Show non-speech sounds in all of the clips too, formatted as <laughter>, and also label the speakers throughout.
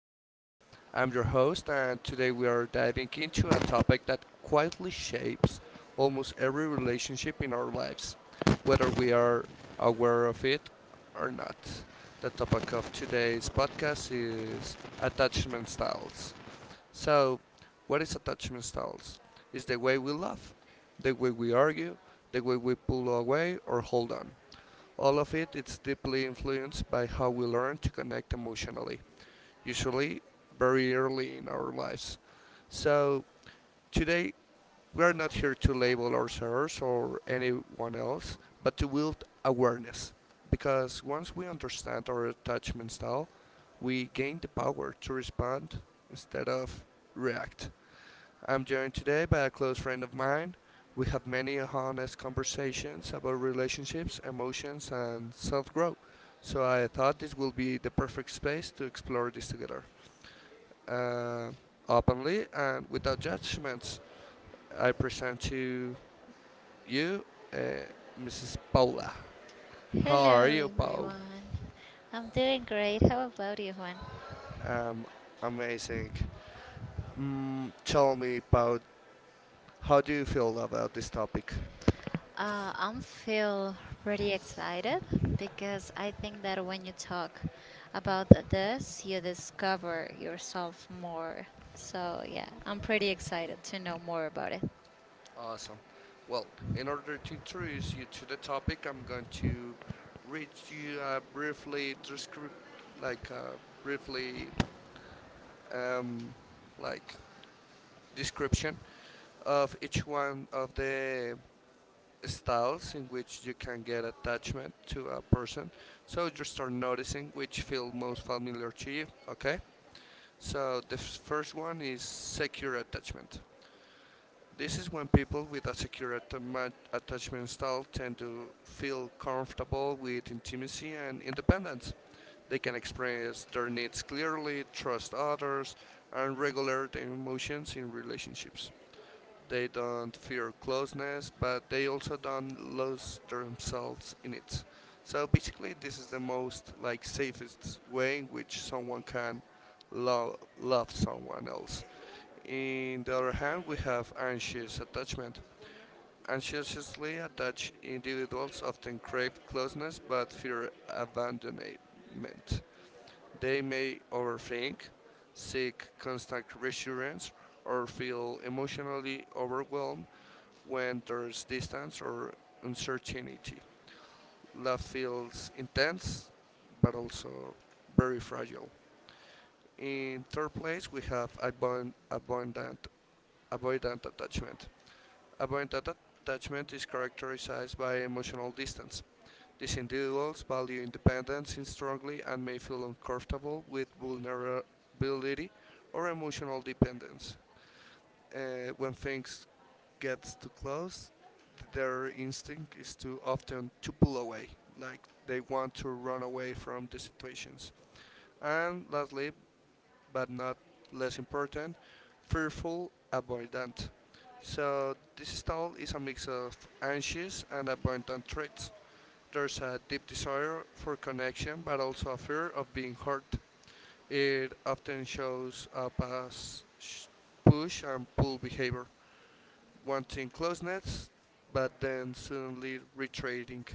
Speaker 1: podcast. I'm your host, and today we are diving into a topic that quietly shapes almost every relationship in our lives, whether we are aware of it or not. The topic of today's podcast is attachment styles. So, what is attachment styles? It's the way we love, the way we argue, the way we pull away or hold on. All of it is deeply influenced by how we learn to connect emotionally, usually very early in our lives. So, today we are not here to label ourselves or anyone else, but to build awareness. Because once we understand our attachment style, we gain the power to respond instead of react. I'm joined today by a close friend of mine. We have many honest conversations about relationships, emotions, and self growth. So I thought this will be the perfect space to explore this together. Uh, Openly and without judgments, I present to you uh, Mrs. Paula. How are
Speaker 2: Hello,
Speaker 1: you, Paul?
Speaker 2: everyone. I'm doing great. How about you, Juan?
Speaker 1: Um, Amazing. Mm, tell me about how do you feel about this topic?
Speaker 2: I'm feel pretty excited because I think that when you talk about this, you discover yourself more. So yeah, I'm pretty excited to know more about it.
Speaker 1: Awesome. Well, in order to introduce you to the topic, I'm going to read you briefly descript, like briefly, um, like description of each one of the styles in which you can get attachment to a person. So you start noticing which feel most familiar to you. Okay. So the first one is secure attachment. This is when people with a attachment style tend to feel comfortable with intimacy and independence. They can express their needs clearly, trust others, and regulate their emotions in relationships. They don't fear closeness, but they also don't lose themselves in it. So basically, this is the most like safest way in which someone can love someone else. In the other hand, we have anxious attachment. Anxiously attached individuals often crave closeness but fear abandonment. They may overthink, seek constant reassurance, or feel emotionally overwhelmed when there's distance or uncertainty. Love feels intense but also very fragile. In third place, we have avoidant attachment. Avoidant atta- attachment is characterized by emotional distance. These individuals value independence strongly and may feel uncomfortable with vulnerability or emotional dependence. When things get too close, their instinct is to often to pull away, like they want to run away from the situations. And lastly, but not less important, fearful, avoidant. So this style is a mix of anxious and avoidant traits. There's a deep desire for connection, but also a fear of being hurt. It often shows up as push and pull behavior, wanting closeness, but then suddenly retreating.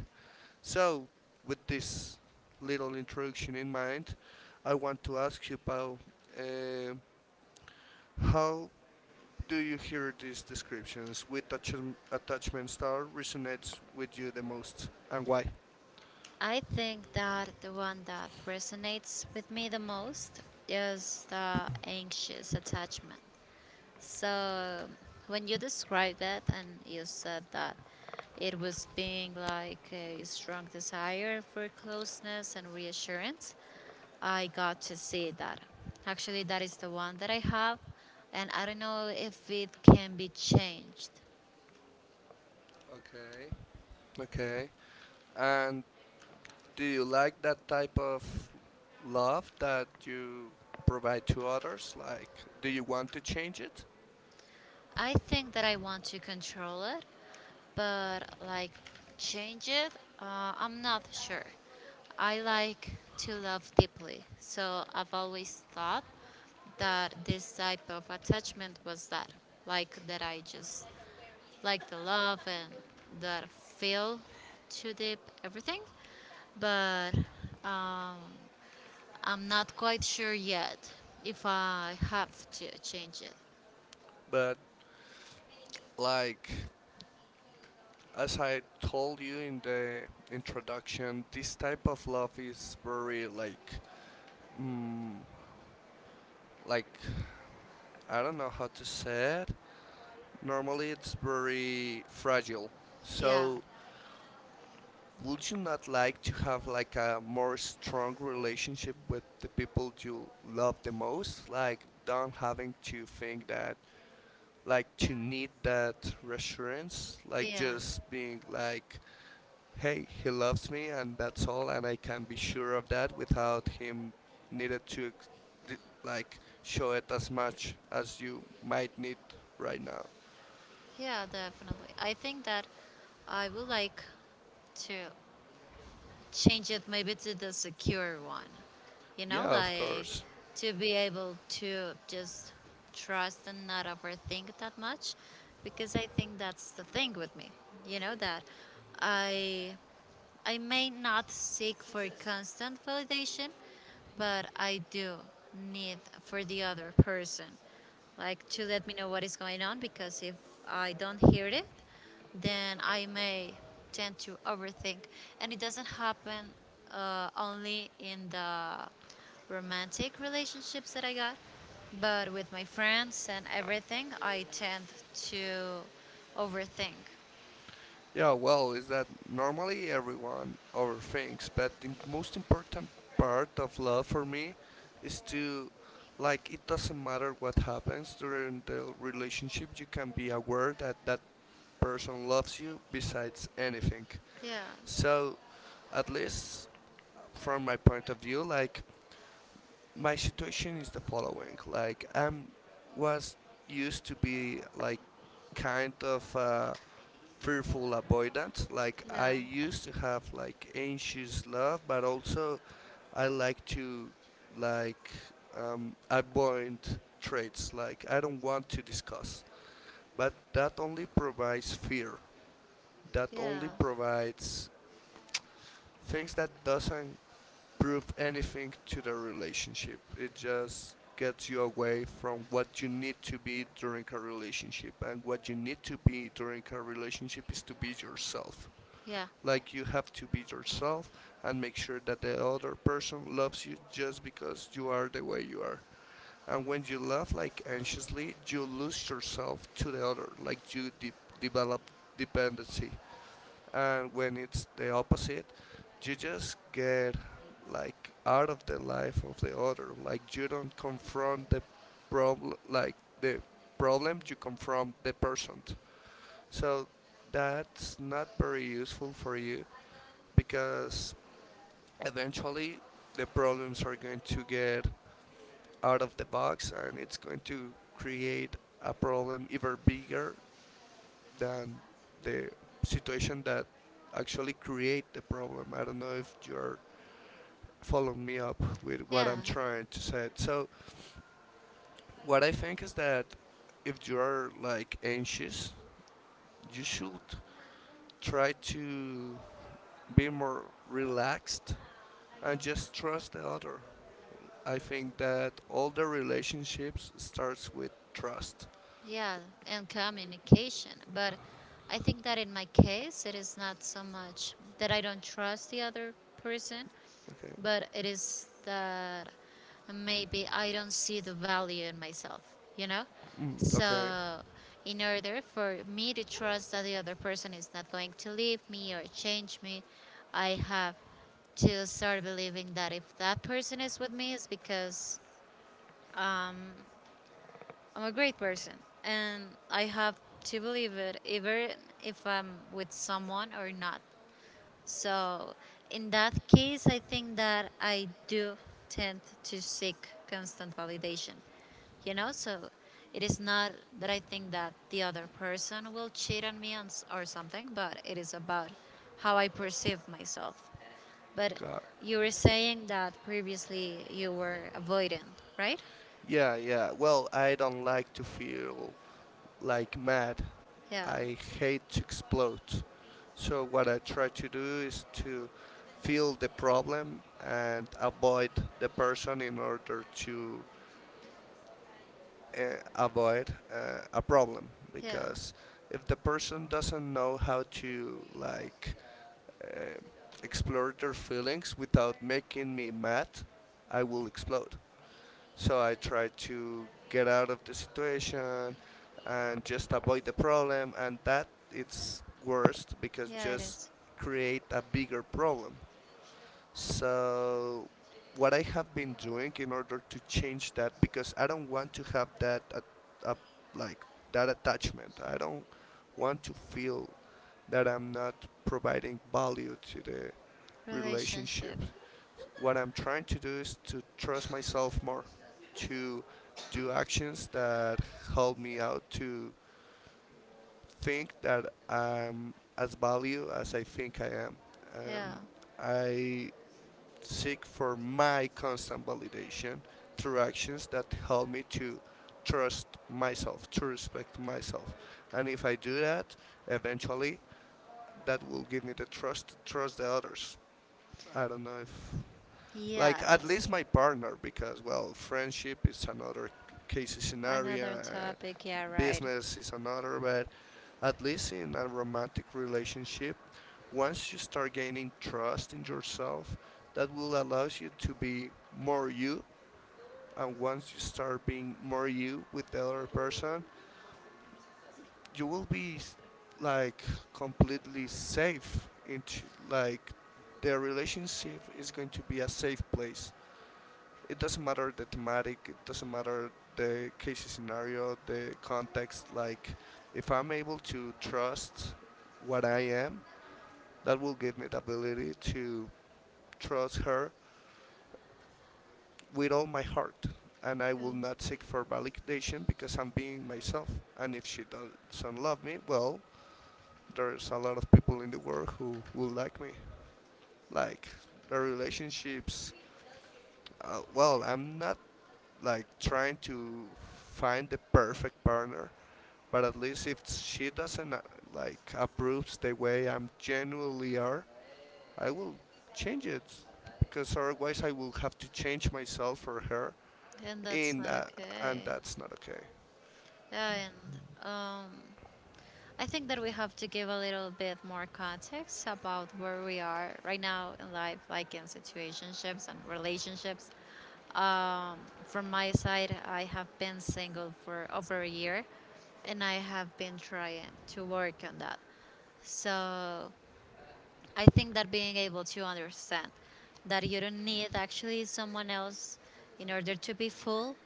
Speaker 1: So, with this little introduction in mind, I want to ask you, Paul, um how do you hear these descriptions? Which attachment style resonates with you the most, and why?
Speaker 2: I think that the one that resonates with me the most is the anxious attachment. So when you described that and you said that it was being like a strong desire for closeness and reassurance, I got to see that. Actually, that is the one that I have, and I don't know if it can be changed.
Speaker 1: Okay, okay. And do you like that type of love that you provide to others? Like, do you want to change it?
Speaker 2: I think that I want to control it, but like change it, I'm not sure. I like to love deeply, so I've always thought that this type of attachment was that, like that I just like the love and that feel too deep everything, but uh, I'm not quite sure yet if I have to change it.
Speaker 1: But like, as I told you in the introduction, this type of love is very like, mm, like I don't know how to say it. Normally it's very fragile.
Speaker 2: Yeah,
Speaker 1: So would you not like to have like a more strong relationship with the people you love the most? Like don't having to think that like to need that reassurance, like
Speaker 2: yeah.
Speaker 1: just being like hey, he loves me and that's all and I can be sure of that without him needed to ex- d- like show it as much as you might need right now.
Speaker 2: Yeah, definitely. I think that I would like to change it maybe to the secure one. You know,
Speaker 1: Yeah, of
Speaker 2: like
Speaker 1: course.
Speaker 2: to be able to just trust and not overthink that much because I think that's the thing with me. You know that I I may not seek for constant validation, but I do need for the other person, like to let me know what is going on. Because if I don't hear it, then I may tend to overthink, and it doesn't happen only in the romantic relationships that I got, but with my friends and everything, I tend to overthink.
Speaker 1: Yeah, well, is that normally everyone overthinks, but the most important part of love for me is to, like, it doesn't matter what happens during the relationship, you can be aware that that person loves you besides anything.
Speaker 2: Yeah,
Speaker 1: So, at least from my point of view, like, my situation is the following like, I'm was used to be like kind of. Fearful avoidance. Like I
Speaker 2: yeah,
Speaker 1: used to have like anxious love, but also I like to like avoid traits. Like I don't want to discuss, but that only provides fear. That only
Speaker 2: yeah,
Speaker 1: provides things that doesn't prove anything to the relationship. It just gets you away from what you need to be during a relationship and what you need to be during a relationship is to be yourself
Speaker 2: yeah.
Speaker 1: like you have to be yourself and make sure that the other person loves you just because you are the way you are. And when you love like anxiously, you lose yourself to the other, like you develop dependency. And when it's the opposite, you just get like out of the life of the other. Like you don't confront problem, like the problem, you confront the person. So that's not very useful for you because eventually the problems are going to get out of the box and it's going to create a problem even bigger than the situation that actually create the problem. I don't know if you're following me up with what
Speaker 2: Yeah,
Speaker 1: I'm trying to say. So what I think is that if you are like anxious, you should try to be more relaxed and just trust the other. I think that all the relationships starts with trust.
Speaker 2: yeah, and communication. But I think that in my case, it is not so much that I don't trust the other person,
Speaker 1: Okay.
Speaker 2: but it is that maybe I don't see the value in myself, you know?
Speaker 1: Mm. Okay.
Speaker 2: So, in order for me to trust that the other person is not going to leave me or change me, I have to start believing that if that person is with me, it's because I'm a great person, and I have to believe it, even if I'm with someone or not. So, in that case, I think that I do tend to seek constant validation. You know, so it is not that I think that the other person will cheat on me and s- or something, but it is about how I perceive myself. But
Speaker 1: God.
Speaker 2: you were saying that previously you were avoidant, right?
Speaker 1: Yeah, yeah. Well, I don't like to feel like mad.
Speaker 2: Yeah,
Speaker 1: I hate to explode. So what I try to do is to feel the problem and avoid the person in order to avoid a problem
Speaker 2: yeah,
Speaker 1: because if the person doesn't know how to like uh, explore their feelings without making me mad, I will explode. So I try to get out of the situation and just avoid the problem, and that it's worst because
Speaker 2: yeah, it
Speaker 1: just
Speaker 2: is.
Speaker 1: create a bigger problem. So, what I have been doing in order to change that, because I don't want to have that, at, uh, like that attachment. I don't want to feel that I'm not providing value to the relationship.
Speaker 2: Relationship.
Speaker 1: What I'm trying to do is to trust myself more, to do actions that help me out to think that I'm as value as I think I am.
Speaker 2: Yeah.
Speaker 1: And I seek for my constant validation through actions that help me to trust myself, to respect myself. And if I do that, eventually that will give me the trust to trust the others. I don't know if like at least
Speaker 2: Yes.
Speaker 1: my partner because well friendship is another case
Speaker 2: Another
Speaker 1: scenario and
Speaker 2: topic. Yeah, right.
Speaker 1: business is another but at least in a romantic relationship once you start gaining trust in yourself that will allow you to be more you and once you start being more you with the other person you will be like completely safe into like the relationship is going to be a safe place it doesn't matter the thematic, it doesn't matter the case scenario, the context. Like, if I'm able to trust what I am, that will give me the ability to trust her with all my heart. And I
Speaker 2: Yeah.
Speaker 1: will not seek for validation because I'm being myself. And if she doesn't love me, well, there's a lot of people in the world who will like me. Like, the relationships. Well, I'm not like trying to find the perfect partner. But at least if she doesn't like approves the way I'm genuinely are, I will change it because otherwise I will have to change myself for her.
Speaker 2: And that's
Speaker 1: In
Speaker 2: not
Speaker 1: and
Speaker 2: okay.
Speaker 1: that's not okay.
Speaker 2: Yeah, and I think that we have to give a little bit more context about where we are right now in life, like in situationships and relationships. Um, from my side, I have been single for over a year and I have been trying to work on that. So I think that being able to understand that you don't need actually someone else in order to be full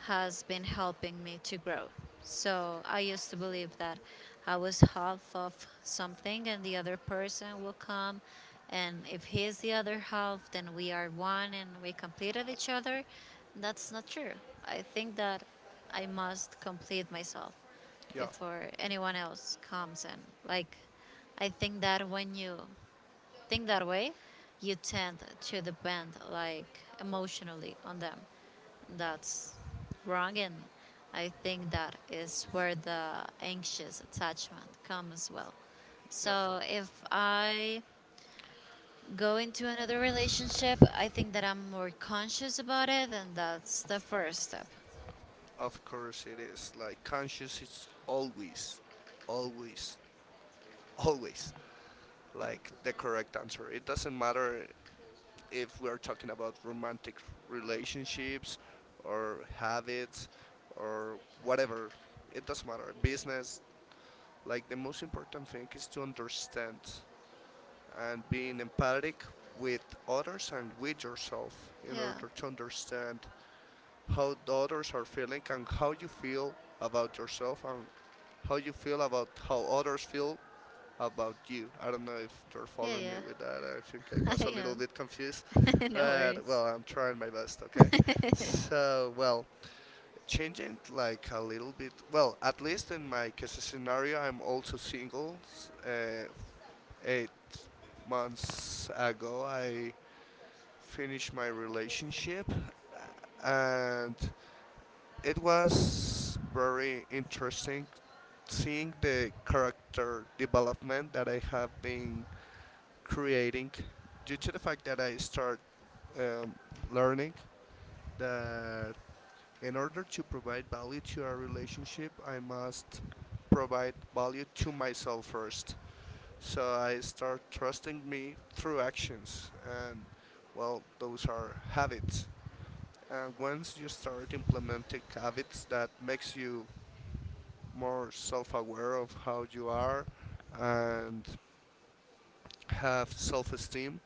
Speaker 2: has been helping me to grow. So I used to believe that I was half of something and the other person will come. And if he is the other half, then we are one and we completed each other. That's not true. I think that I must complete myself
Speaker 1: Yeah.
Speaker 2: before anyone else comes and like I think that when you think that way, you tend to depend like emotionally on them. That's wrong, and I think that is where the anxious attachment comes as well.
Speaker 1: Yeah.
Speaker 2: So if I go into another relationship, I think that I'm more conscious about it, and that's the first step.
Speaker 1: Of course it is. Like conscious it's always always always like the correct answer. It doesn't matter if we're talking about romantic relationships or habits or whatever. It doesn't matter. Business like the most important thing is to understand and being empathic with others and with yourself in
Speaker 2: Yeah,
Speaker 1: order to understand how others are feeling and how you feel about yourself and how you feel about how others feel about you. I don't know if you're
Speaker 2: yeah,
Speaker 1: following
Speaker 2: yeah.
Speaker 1: me with that. I think I
Speaker 2: <laughs>
Speaker 1: was
Speaker 2: I
Speaker 1: a little
Speaker 2: am.
Speaker 1: bit confused,
Speaker 2: <laughs> No
Speaker 1: but
Speaker 2: worries.
Speaker 1: well, I'm trying my best, okay?
Speaker 2: <laughs>
Speaker 1: So, well, changing like a little bit. Well, at least in my case scenario, I'm also single. Eight months ago, I finished my relationship, and it was very interesting seeing the character development that I have been creating due to the fact that I start um, learning that in order to provide value to our relationship, I must provide value to myself first. So I start trusting me through actions, and well, those are habits. And once you start implementing habits that makes you more self-aware of how you are and have self-esteem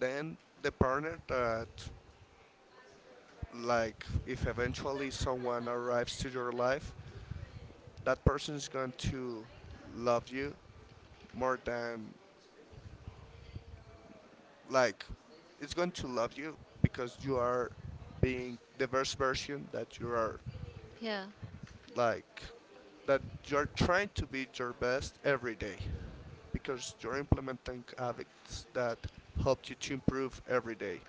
Speaker 1: then the partner that like if eventually someone arrives to your life that person is going to love you more than like it's going to love you because you are being the best version that you are
Speaker 2: Yeah.
Speaker 1: like that you're trying to be your best every day because you're implementing habits that help you to improve every day.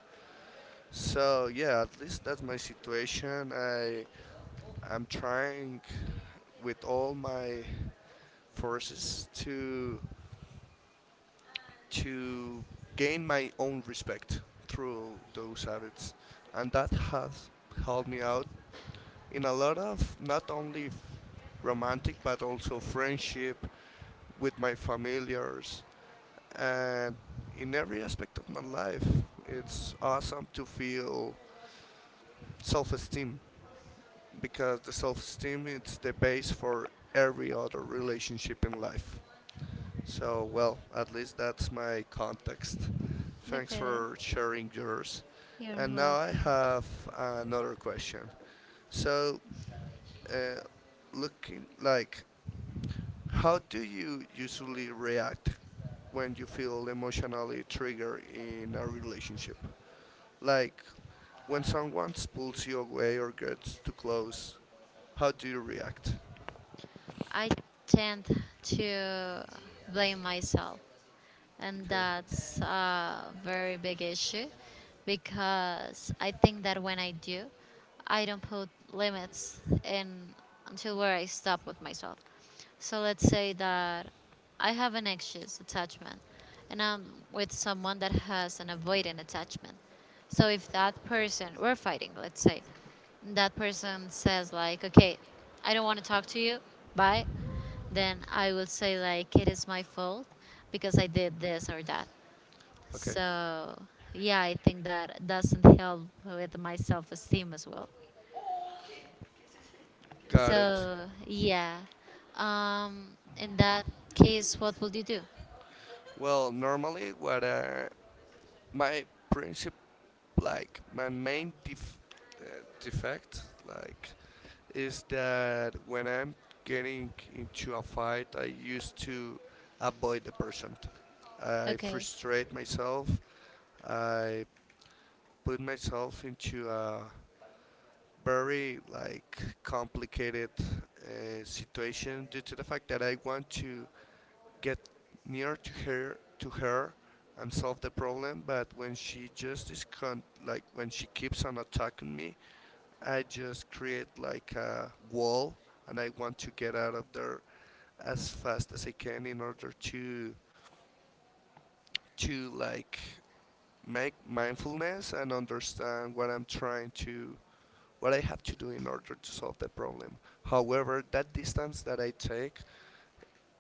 Speaker 1: So yeah, at least that's my situation. I'm trying with all my forces to gain my own respect through those habits, and that has helped me out in a lot of not only romantic but also friendship with my familiars and in every aspect of my life. It's awesome to feel self-esteem because the self-esteem is the base for every other relationship in life. So well, at least that's my context. Thanks
Speaker 2: Okay.
Speaker 1: for sharing yours.
Speaker 2: You're
Speaker 1: And now I
Speaker 2: welcome.
Speaker 1: have another question. So uh, looking like, how do you usually react when you feel emotionally triggered in a relationship? Like when someone pulls you away or gets too close, how do you react?
Speaker 2: I tend to blame myself, and
Speaker 1: Okay.
Speaker 2: that's a very big issue because I think that when I do, I don't put limits in until where I stop with myself. So let's say that I have an anxious attachment and I'm with someone that has an avoidant attachment. So if that person, we're fighting, let's say, and that person says, like, okay, I don't want to talk to you, bye, then I will say, like, it is my fault because I did this or that.
Speaker 1: Okay.
Speaker 2: So yeah, I think that doesn't help with my self esteem as well.
Speaker 1: Got it.
Speaker 2: So yeah. Um, in that case, what will you do?
Speaker 1: Well, normally what I my princip like my main def- defect, like, is that when I'm getting into a fight, I used to avoid the person. I
Speaker 2: Okay.
Speaker 1: frustrate myself. I put myself into a very, like, complicated situation due to the fact that I want to get near to her, to her, and solve the problem. But when she just is like, when she keeps on attacking me, I just create like a wall, and I want to get out of there as fast as I can in order to, like, make mindfulness and understand what I'm trying to, what I have to do in order to solve the problem. However, that distance that I take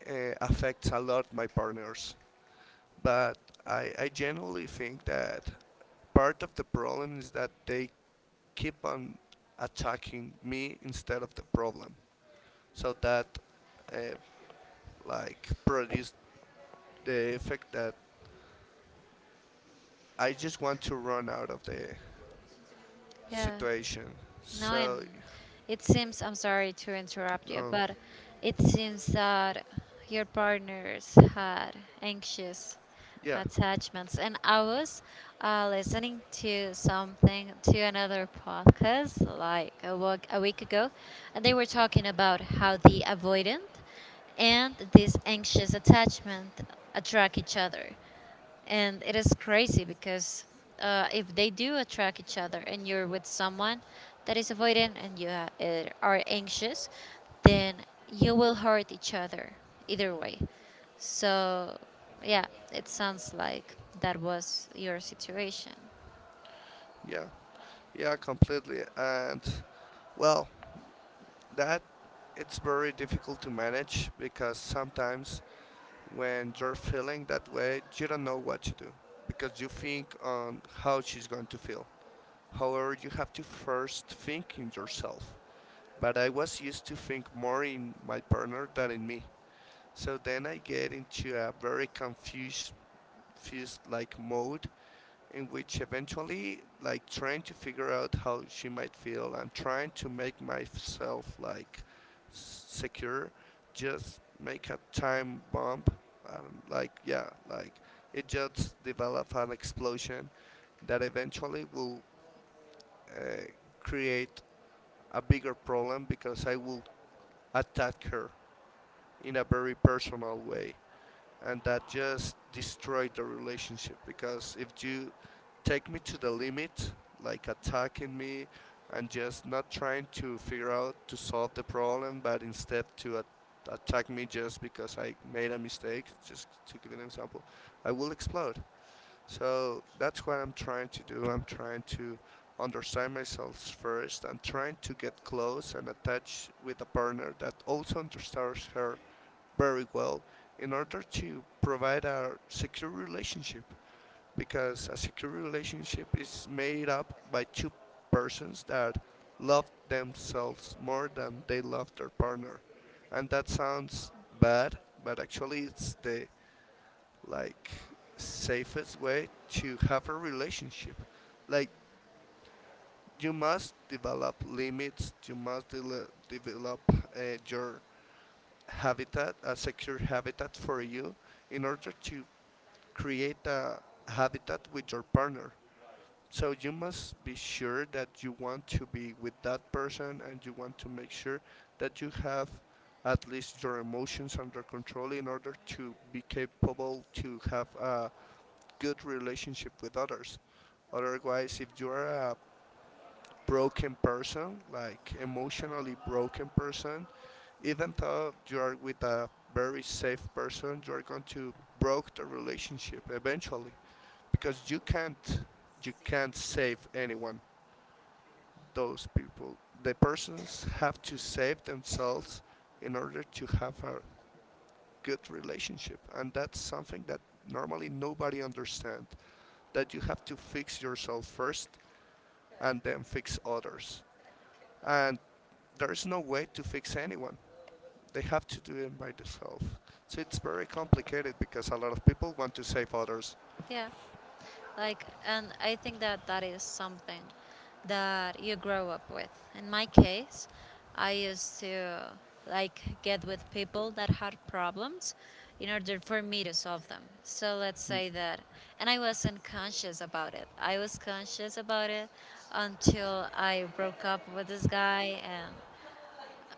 Speaker 1: affects a lot my partners. But I generally think that part of the problem is that they keep on attacking me instead of the problem. So that uh, like produced the effect that I just want to run out of the
Speaker 2: Yeah.
Speaker 1: situation.
Speaker 2: No, and
Speaker 1: So
Speaker 2: it seems, I'm sorry to interrupt you,
Speaker 1: no.
Speaker 2: but it seems that your partners had anxious
Speaker 1: Yeah,
Speaker 2: attachments. And I was listening to something, to another podcast like a week ago, and they were talking about how the avoidant and this anxious attachment attract each other. And it is crazy because if they do attract each other and you're with someone that is avoidant and you ha- are anxious then you will hurt each other either way, so yeah, it sounds like that was your situation.
Speaker 1: yeah, yeah, completely. And well, that, it's very difficult to manage because sometimes when you're feeling that way, you don't know what to do because you think on how she's going to feel. However, you have to first think in yourself. But I was used to think more in my partner than in me. So then I get into a very confused like mode in which eventually, like, trying to figure out how she might feel and trying to make myself like secure just make a time bomb. Like, yeah, like, it just develop an explosion that eventually will uh, create a bigger problem because I will attack her in a very personal way, and that just destroyed the relationship. Because if you take me to the limit, like attacking me and just not trying to figure out to solve the problem but instead to attack me just because I made a mistake, just to give an example, I will explode. So that's what I'm trying to do. I'm trying to understand myself first and trying to get close and attach with a partner that also understands her very well, in order to provide a secure relationship. Because a secure relationship is made up by two persons that love themselves more than they love their partner. And that sounds bad, but actually it's the, like, safest way to have a relationship. Like, you must develop limits, you must develop your habitat, a secure habitat for you, in order to create a habitat with your partner. So you must be sure that you want to be with that person, and you want to make sure that you have at least your emotions under control in order to be capable to have a good relationship with others. Otherwise, if you are a broken person, like emotionally broken person, even though you are with a very safe person, you are going to broke the relationship eventually, because you can't, you can't save anyone. Those people, the persons have to save themselves in order to have a good relationship, and that's something that normally nobody understands. That you have to fix yourself first and then fix others, and there is no way to fix anyone. They have to do it by themselves. So it's very complicated because a lot of people want to save others.
Speaker 2: Yeah, like, and I think that that is something that you grow up with. In my case, I used to like get with people that had problems in order for me to solve them. So let's say that, and I wasn't conscious about it. I was conscious about it until I broke up with this guy and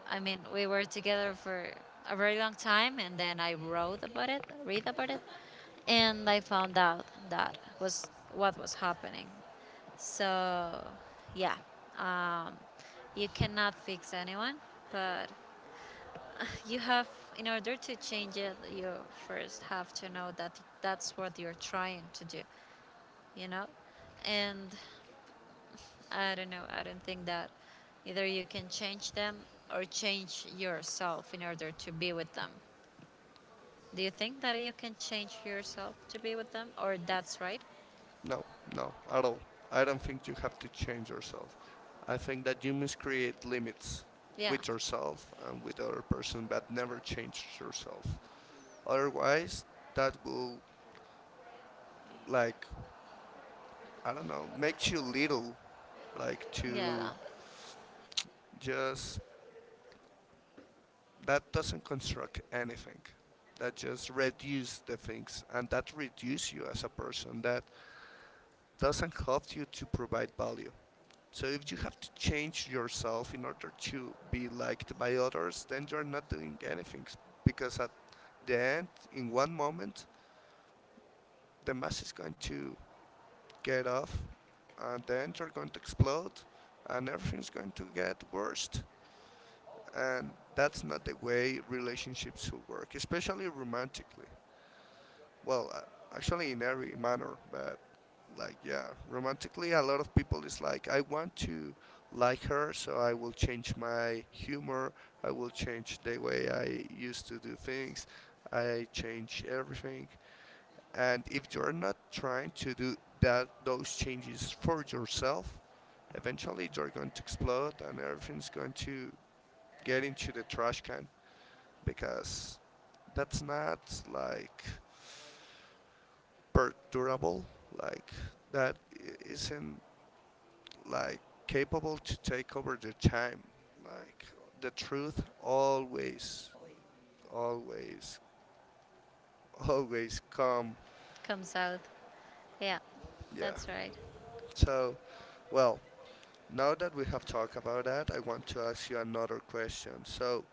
Speaker 2: I mean, we were together for a very long time, and then I wrote about it, read about it, and I found out that was what was happening. So, yeah, um, you cannot fix anyone, but <laughs> you have, in order to change it, you first have to know that that's what you're trying to do, you know? And I don't know. I don't think that either you can change them or change yourself in order to be with them. Do you think that you can change yourself to be with them or that's right?
Speaker 1: No, no, at all. I don't think you have to change yourself. I think that you must create limits
Speaker 2: Yeah.
Speaker 1: with yourself and with other person, but never change yourself. Otherwise, that will, like, I don't know, makes you little, like,
Speaker 2: Yeah.
Speaker 1: to just, that doesn't construct anything, that just reduce the things, and that reduce you as a person, that doesn't help you to provide value. So if you have to change yourself in order to be liked by others, then you're not doing anything, because at the end, in one moment, the mass is going to get off, and then you're going to explode, and everything's going to get worse. And that's not the way relationships should work, especially romantically. Well, actually, in every manner. But like, yeah, romantically, a lot of people is like, I want to like her, so I will change my humor, I will change the way I used to do things, I change everything. And if you're not trying to do that, those changes for yourself, eventually you're going to explode and everything's going to get into the trash can, because that's not like super durable, like, that, not like capable to take over the time, like the truth always, always, always come.
Speaker 2: Comes out. Yeah.
Speaker 1: Yeah.
Speaker 2: That's right.
Speaker 1: So well, now that we have talked about that, I want to ask you another question. So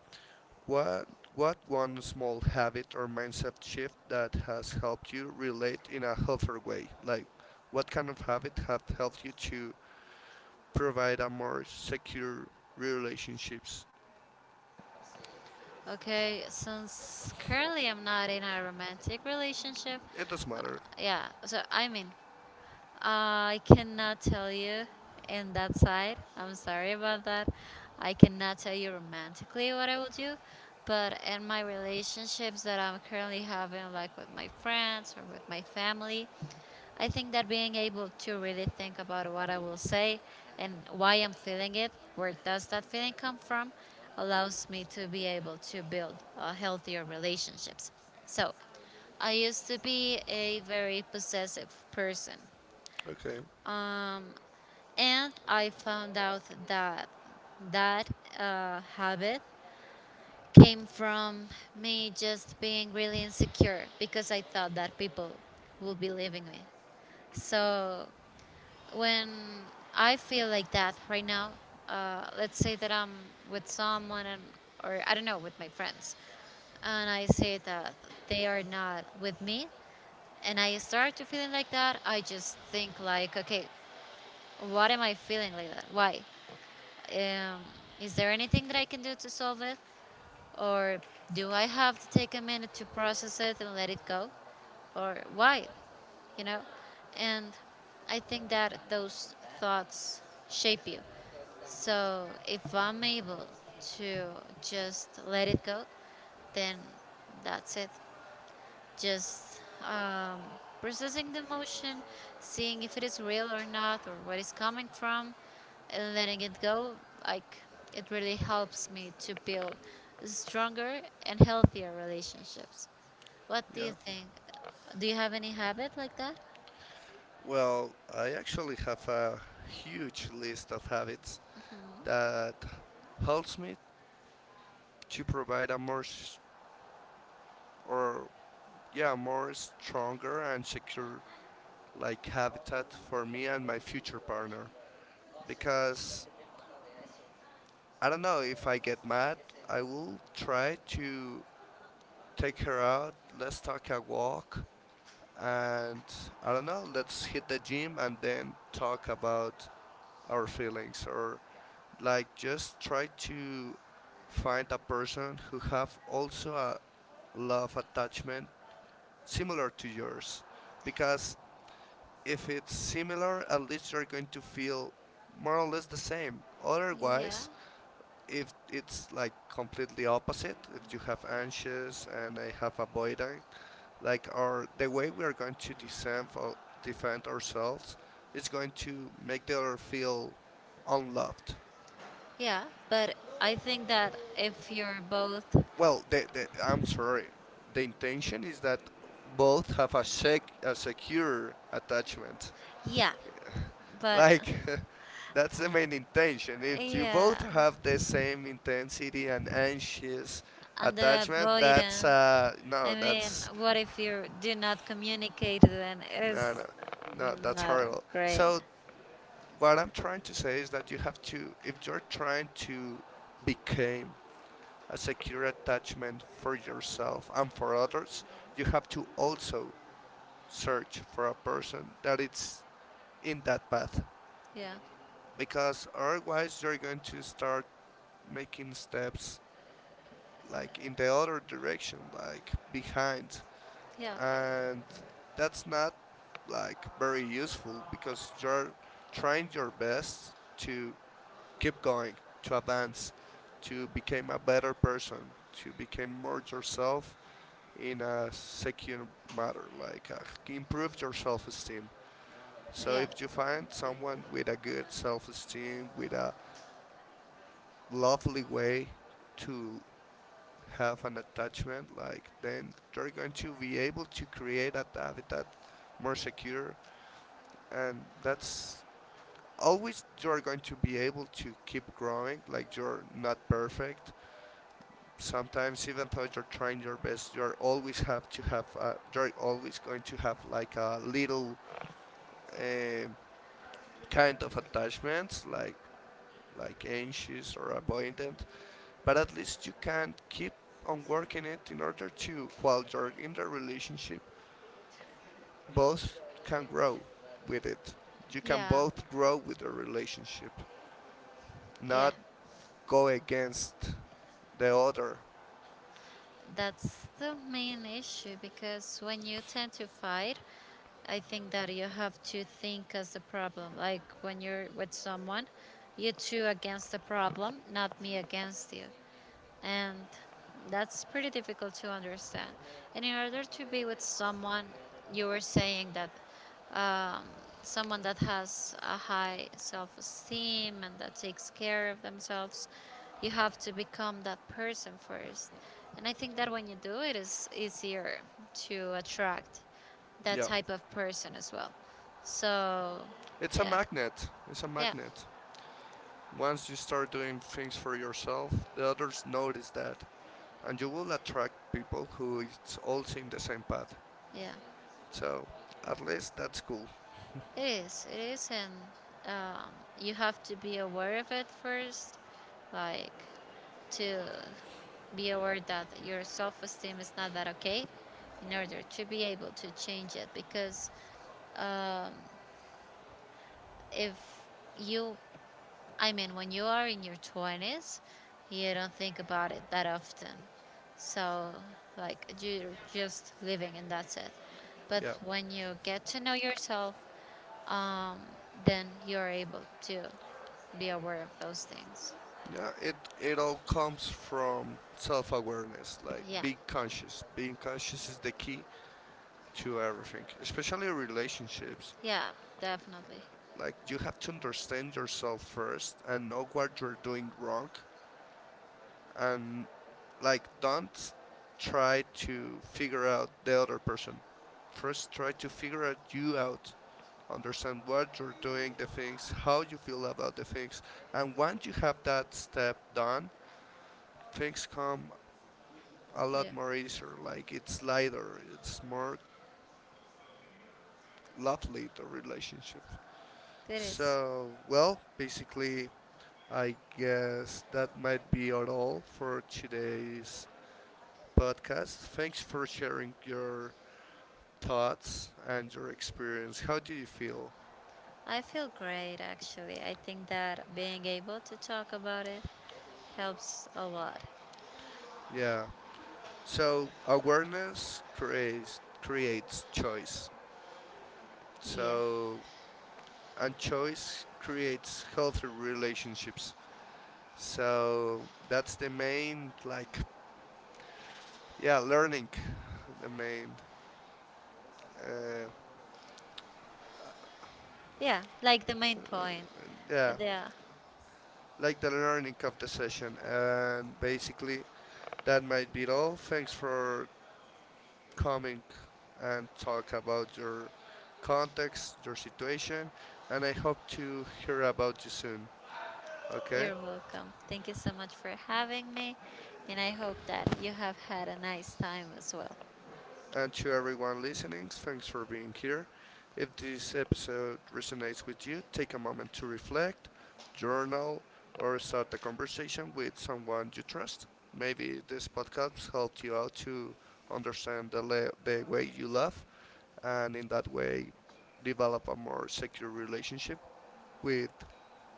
Speaker 1: what what one small habit or mindset shift that has helped you relate in a healthier way? Like what kind of habit have helped you to provide a more secure relationships?
Speaker 2: Okay, since currently I'm not in a romantic relationship,
Speaker 1: It does
Speaker 2: uh,
Speaker 1: matter.
Speaker 2: yeah. So I mean, I cannot tell you in that side. I'm sorry about that. I cannot tell you romantically what I will do, but in my relationships that I'm currently having, like with my friends or with my family, I think that being able to really think about what I will say and why I'm feeling it, where does that feeling come from, allows me to be able to build healthier relationships. So, I used to be a very possessive person.
Speaker 1: Okay.
Speaker 2: Um, and I found out that that habit came from me just being really insecure because I thought that people would be leaving me. So when I feel like that right now, let's say that I'm with someone and, or I don't know, with my friends, and I say that they are not with me, and I start to feeling like that, I just think like, okay, what am I feeling like that? Why? Um, is there anything that I can do to solve it? Or do I have to take a minute to process it and let it go? Or why? You know? And I think that those thoughts shape you. So if I'm able to just let it go, then that's it, just um, processing the emotion, seeing if it is real or not, or what it's coming from, and letting it go. Like it really helps me to build stronger and healthier relationships. What do
Speaker 1: Yeah.
Speaker 2: you think? Do you have any habit like that?
Speaker 1: Well, I actually have a huge list of habits
Speaker 2: Hmm.
Speaker 1: that helps me to provide a more or yeah, more stronger and secure, like, habitat for me and my future partner. Because I don't know, if I get mad, I will try to take her out, let's take a walk, and I don't know, let's hit the gym and then talk about our feelings. Or like, just try to find a person who have also a love attachment similar to yours, because if it's similar, at least you're going to feel more or less the same.
Speaker 2: Yeah.
Speaker 1: Otherwise, if it's like completely opposite, if you have anxious and I have avoidant, like our, the way we are going to defend ourselves is going to make the other feel unloved.
Speaker 2: Yeah, but I think that if you're both,
Speaker 1: Well, I'm sorry. The intention is that both have a, sec, a secure attachment.
Speaker 2: yeah,
Speaker 1: <laughs>
Speaker 2: but
Speaker 1: Like, <laughs> that's the main intention. If you both
Speaker 2: yeah.
Speaker 1: have the same intensity and anxious
Speaker 2: And the
Speaker 1: attachment, that's
Speaker 2: avoidant. I
Speaker 1: no,
Speaker 2: mean,
Speaker 1: that's
Speaker 2: what if you do not communicate then?
Speaker 1: no,
Speaker 2: It's
Speaker 1: no, no, that's
Speaker 2: not
Speaker 1: horrible.
Speaker 2: great.
Speaker 1: So what I'm trying to say is that you have to, if you're trying to become a secure attachment for yourself and for others, you have to also search for a person that is in that path.
Speaker 2: Yeah.
Speaker 1: Because otherwise, you're going to start making steps, like, in the other direction, like behind.
Speaker 2: Yeah.
Speaker 1: And that's not like very useful, because you're trying your best to keep going, to advance, to become a better person, to become more yourself in a secure matter, like, improve your self-esteem. So
Speaker 2: Yeah.
Speaker 1: if you find someone with a good self-esteem, with a lovely way to have an attachment, like, then you're going to be able to create a habitat more secure, and that's, always you're going to be able to keep growing. Like, you're not perfect, sometimes even though you're trying your best, you're always have to have, you're always going to have like a little uh, kind of attachments, like anxious or avoidant. But at least you can keep on working it in order to, while you're in the relationship, both can grow with it, you can
Speaker 2: Yeah.
Speaker 1: both grow with the relationship,
Speaker 2: Yeah.
Speaker 1: not go against the other.
Speaker 2: That's the main issue because when you tend to fight, I think that you have to think as the problem. Like when you're with someone, you two against the problem, not me against you, and that's pretty difficult to understand. And in order to be with someone, you were saying that um, someone that has a high self esteem and that takes care of themselves, you have to become that person first. And I think that when you do it, it's easier to attract that
Speaker 1: Yeah,
Speaker 2: type of person as well. So,
Speaker 1: it's a
Speaker 2: yeah,
Speaker 1: magnet, it's a
Speaker 2: yeah,
Speaker 1: magnet. Once you start doing things for yourself, the others notice that, and you will attract people who is also in the same path.
Speaker 2: yeah.
Speaker 1: So, at least that's cool.
Speaker 2: It is. It is, and um, you have to be aware of it first, like to be aware that your self-esteem is not that okay, in order to be able to change it. Because um, if you, I mean, when you are in your twenties, you don't think about it that often. So, like, you're just living, and that's it. But
Speaker 1: Yeah.
Speaker 2: when you get to know yourself, um, then you're able to be aware of those things.
Speaker 1: Yeah, it all comes from self awareness, like
Speaker 2: Yeah,
Speaker 1: being conscious. Being conscious is the key to everything, especially relationships.
Speaker 2: yeah, definitely.
Speaker 1: Like, you have to understand yourself first and know what you're doing wrong, and like, don't try to figure out the other person, first try to figure out you out, understand what you're doing the things, how you feel about the things. And once you have that step done, things come a
Speaker 2: Yeah,
Speaker 1: lot more easier, like, it's lighter, it's more lovely, the relationship.
Speaker 2: it is.
Speaker 1: So well, basically, I guess that might be all for today's podcast. Thanks for sharing your thoughts and your experience. How do you feel?
Speaker 2: I feel great actually. I think that being able to talk about it helps a lot.
Speaker 1: Yeah. So awareness creates choice.
Speaker 2: Yeah.
Speaker 1: So and choice creates healthy relationships. So that's the main, like, yeah, learning, the main uh,
Speaker 2: Yeah, like the main
Speaker 1: uh,
Speaker 2: point.
Speaker 1: yeah,
Speaker 2: Yeah,
Speaker 1: like the learning of the session. And basically that might be it all. Thanks for coming and talk about your context, your situation, and I hope to hear about you soon. Okay?
Speaker 2: you're welcome. Thank you so much for having me, and I hope that you have had a nice time as well.
Speaker 1: And to everyone listening, thanks for being here. If this episode resonates with you, take a moment to reflect, journal, or start a conversation with someone you trust. Maybe this podcast helped you out to understand the, the way you love, and in that way, develop a more secure relationship with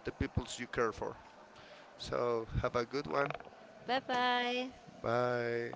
Speaker 1: the peoples you care for. So have a good one.
Speaker 2: Bye bye.
Speaker 1: Bye.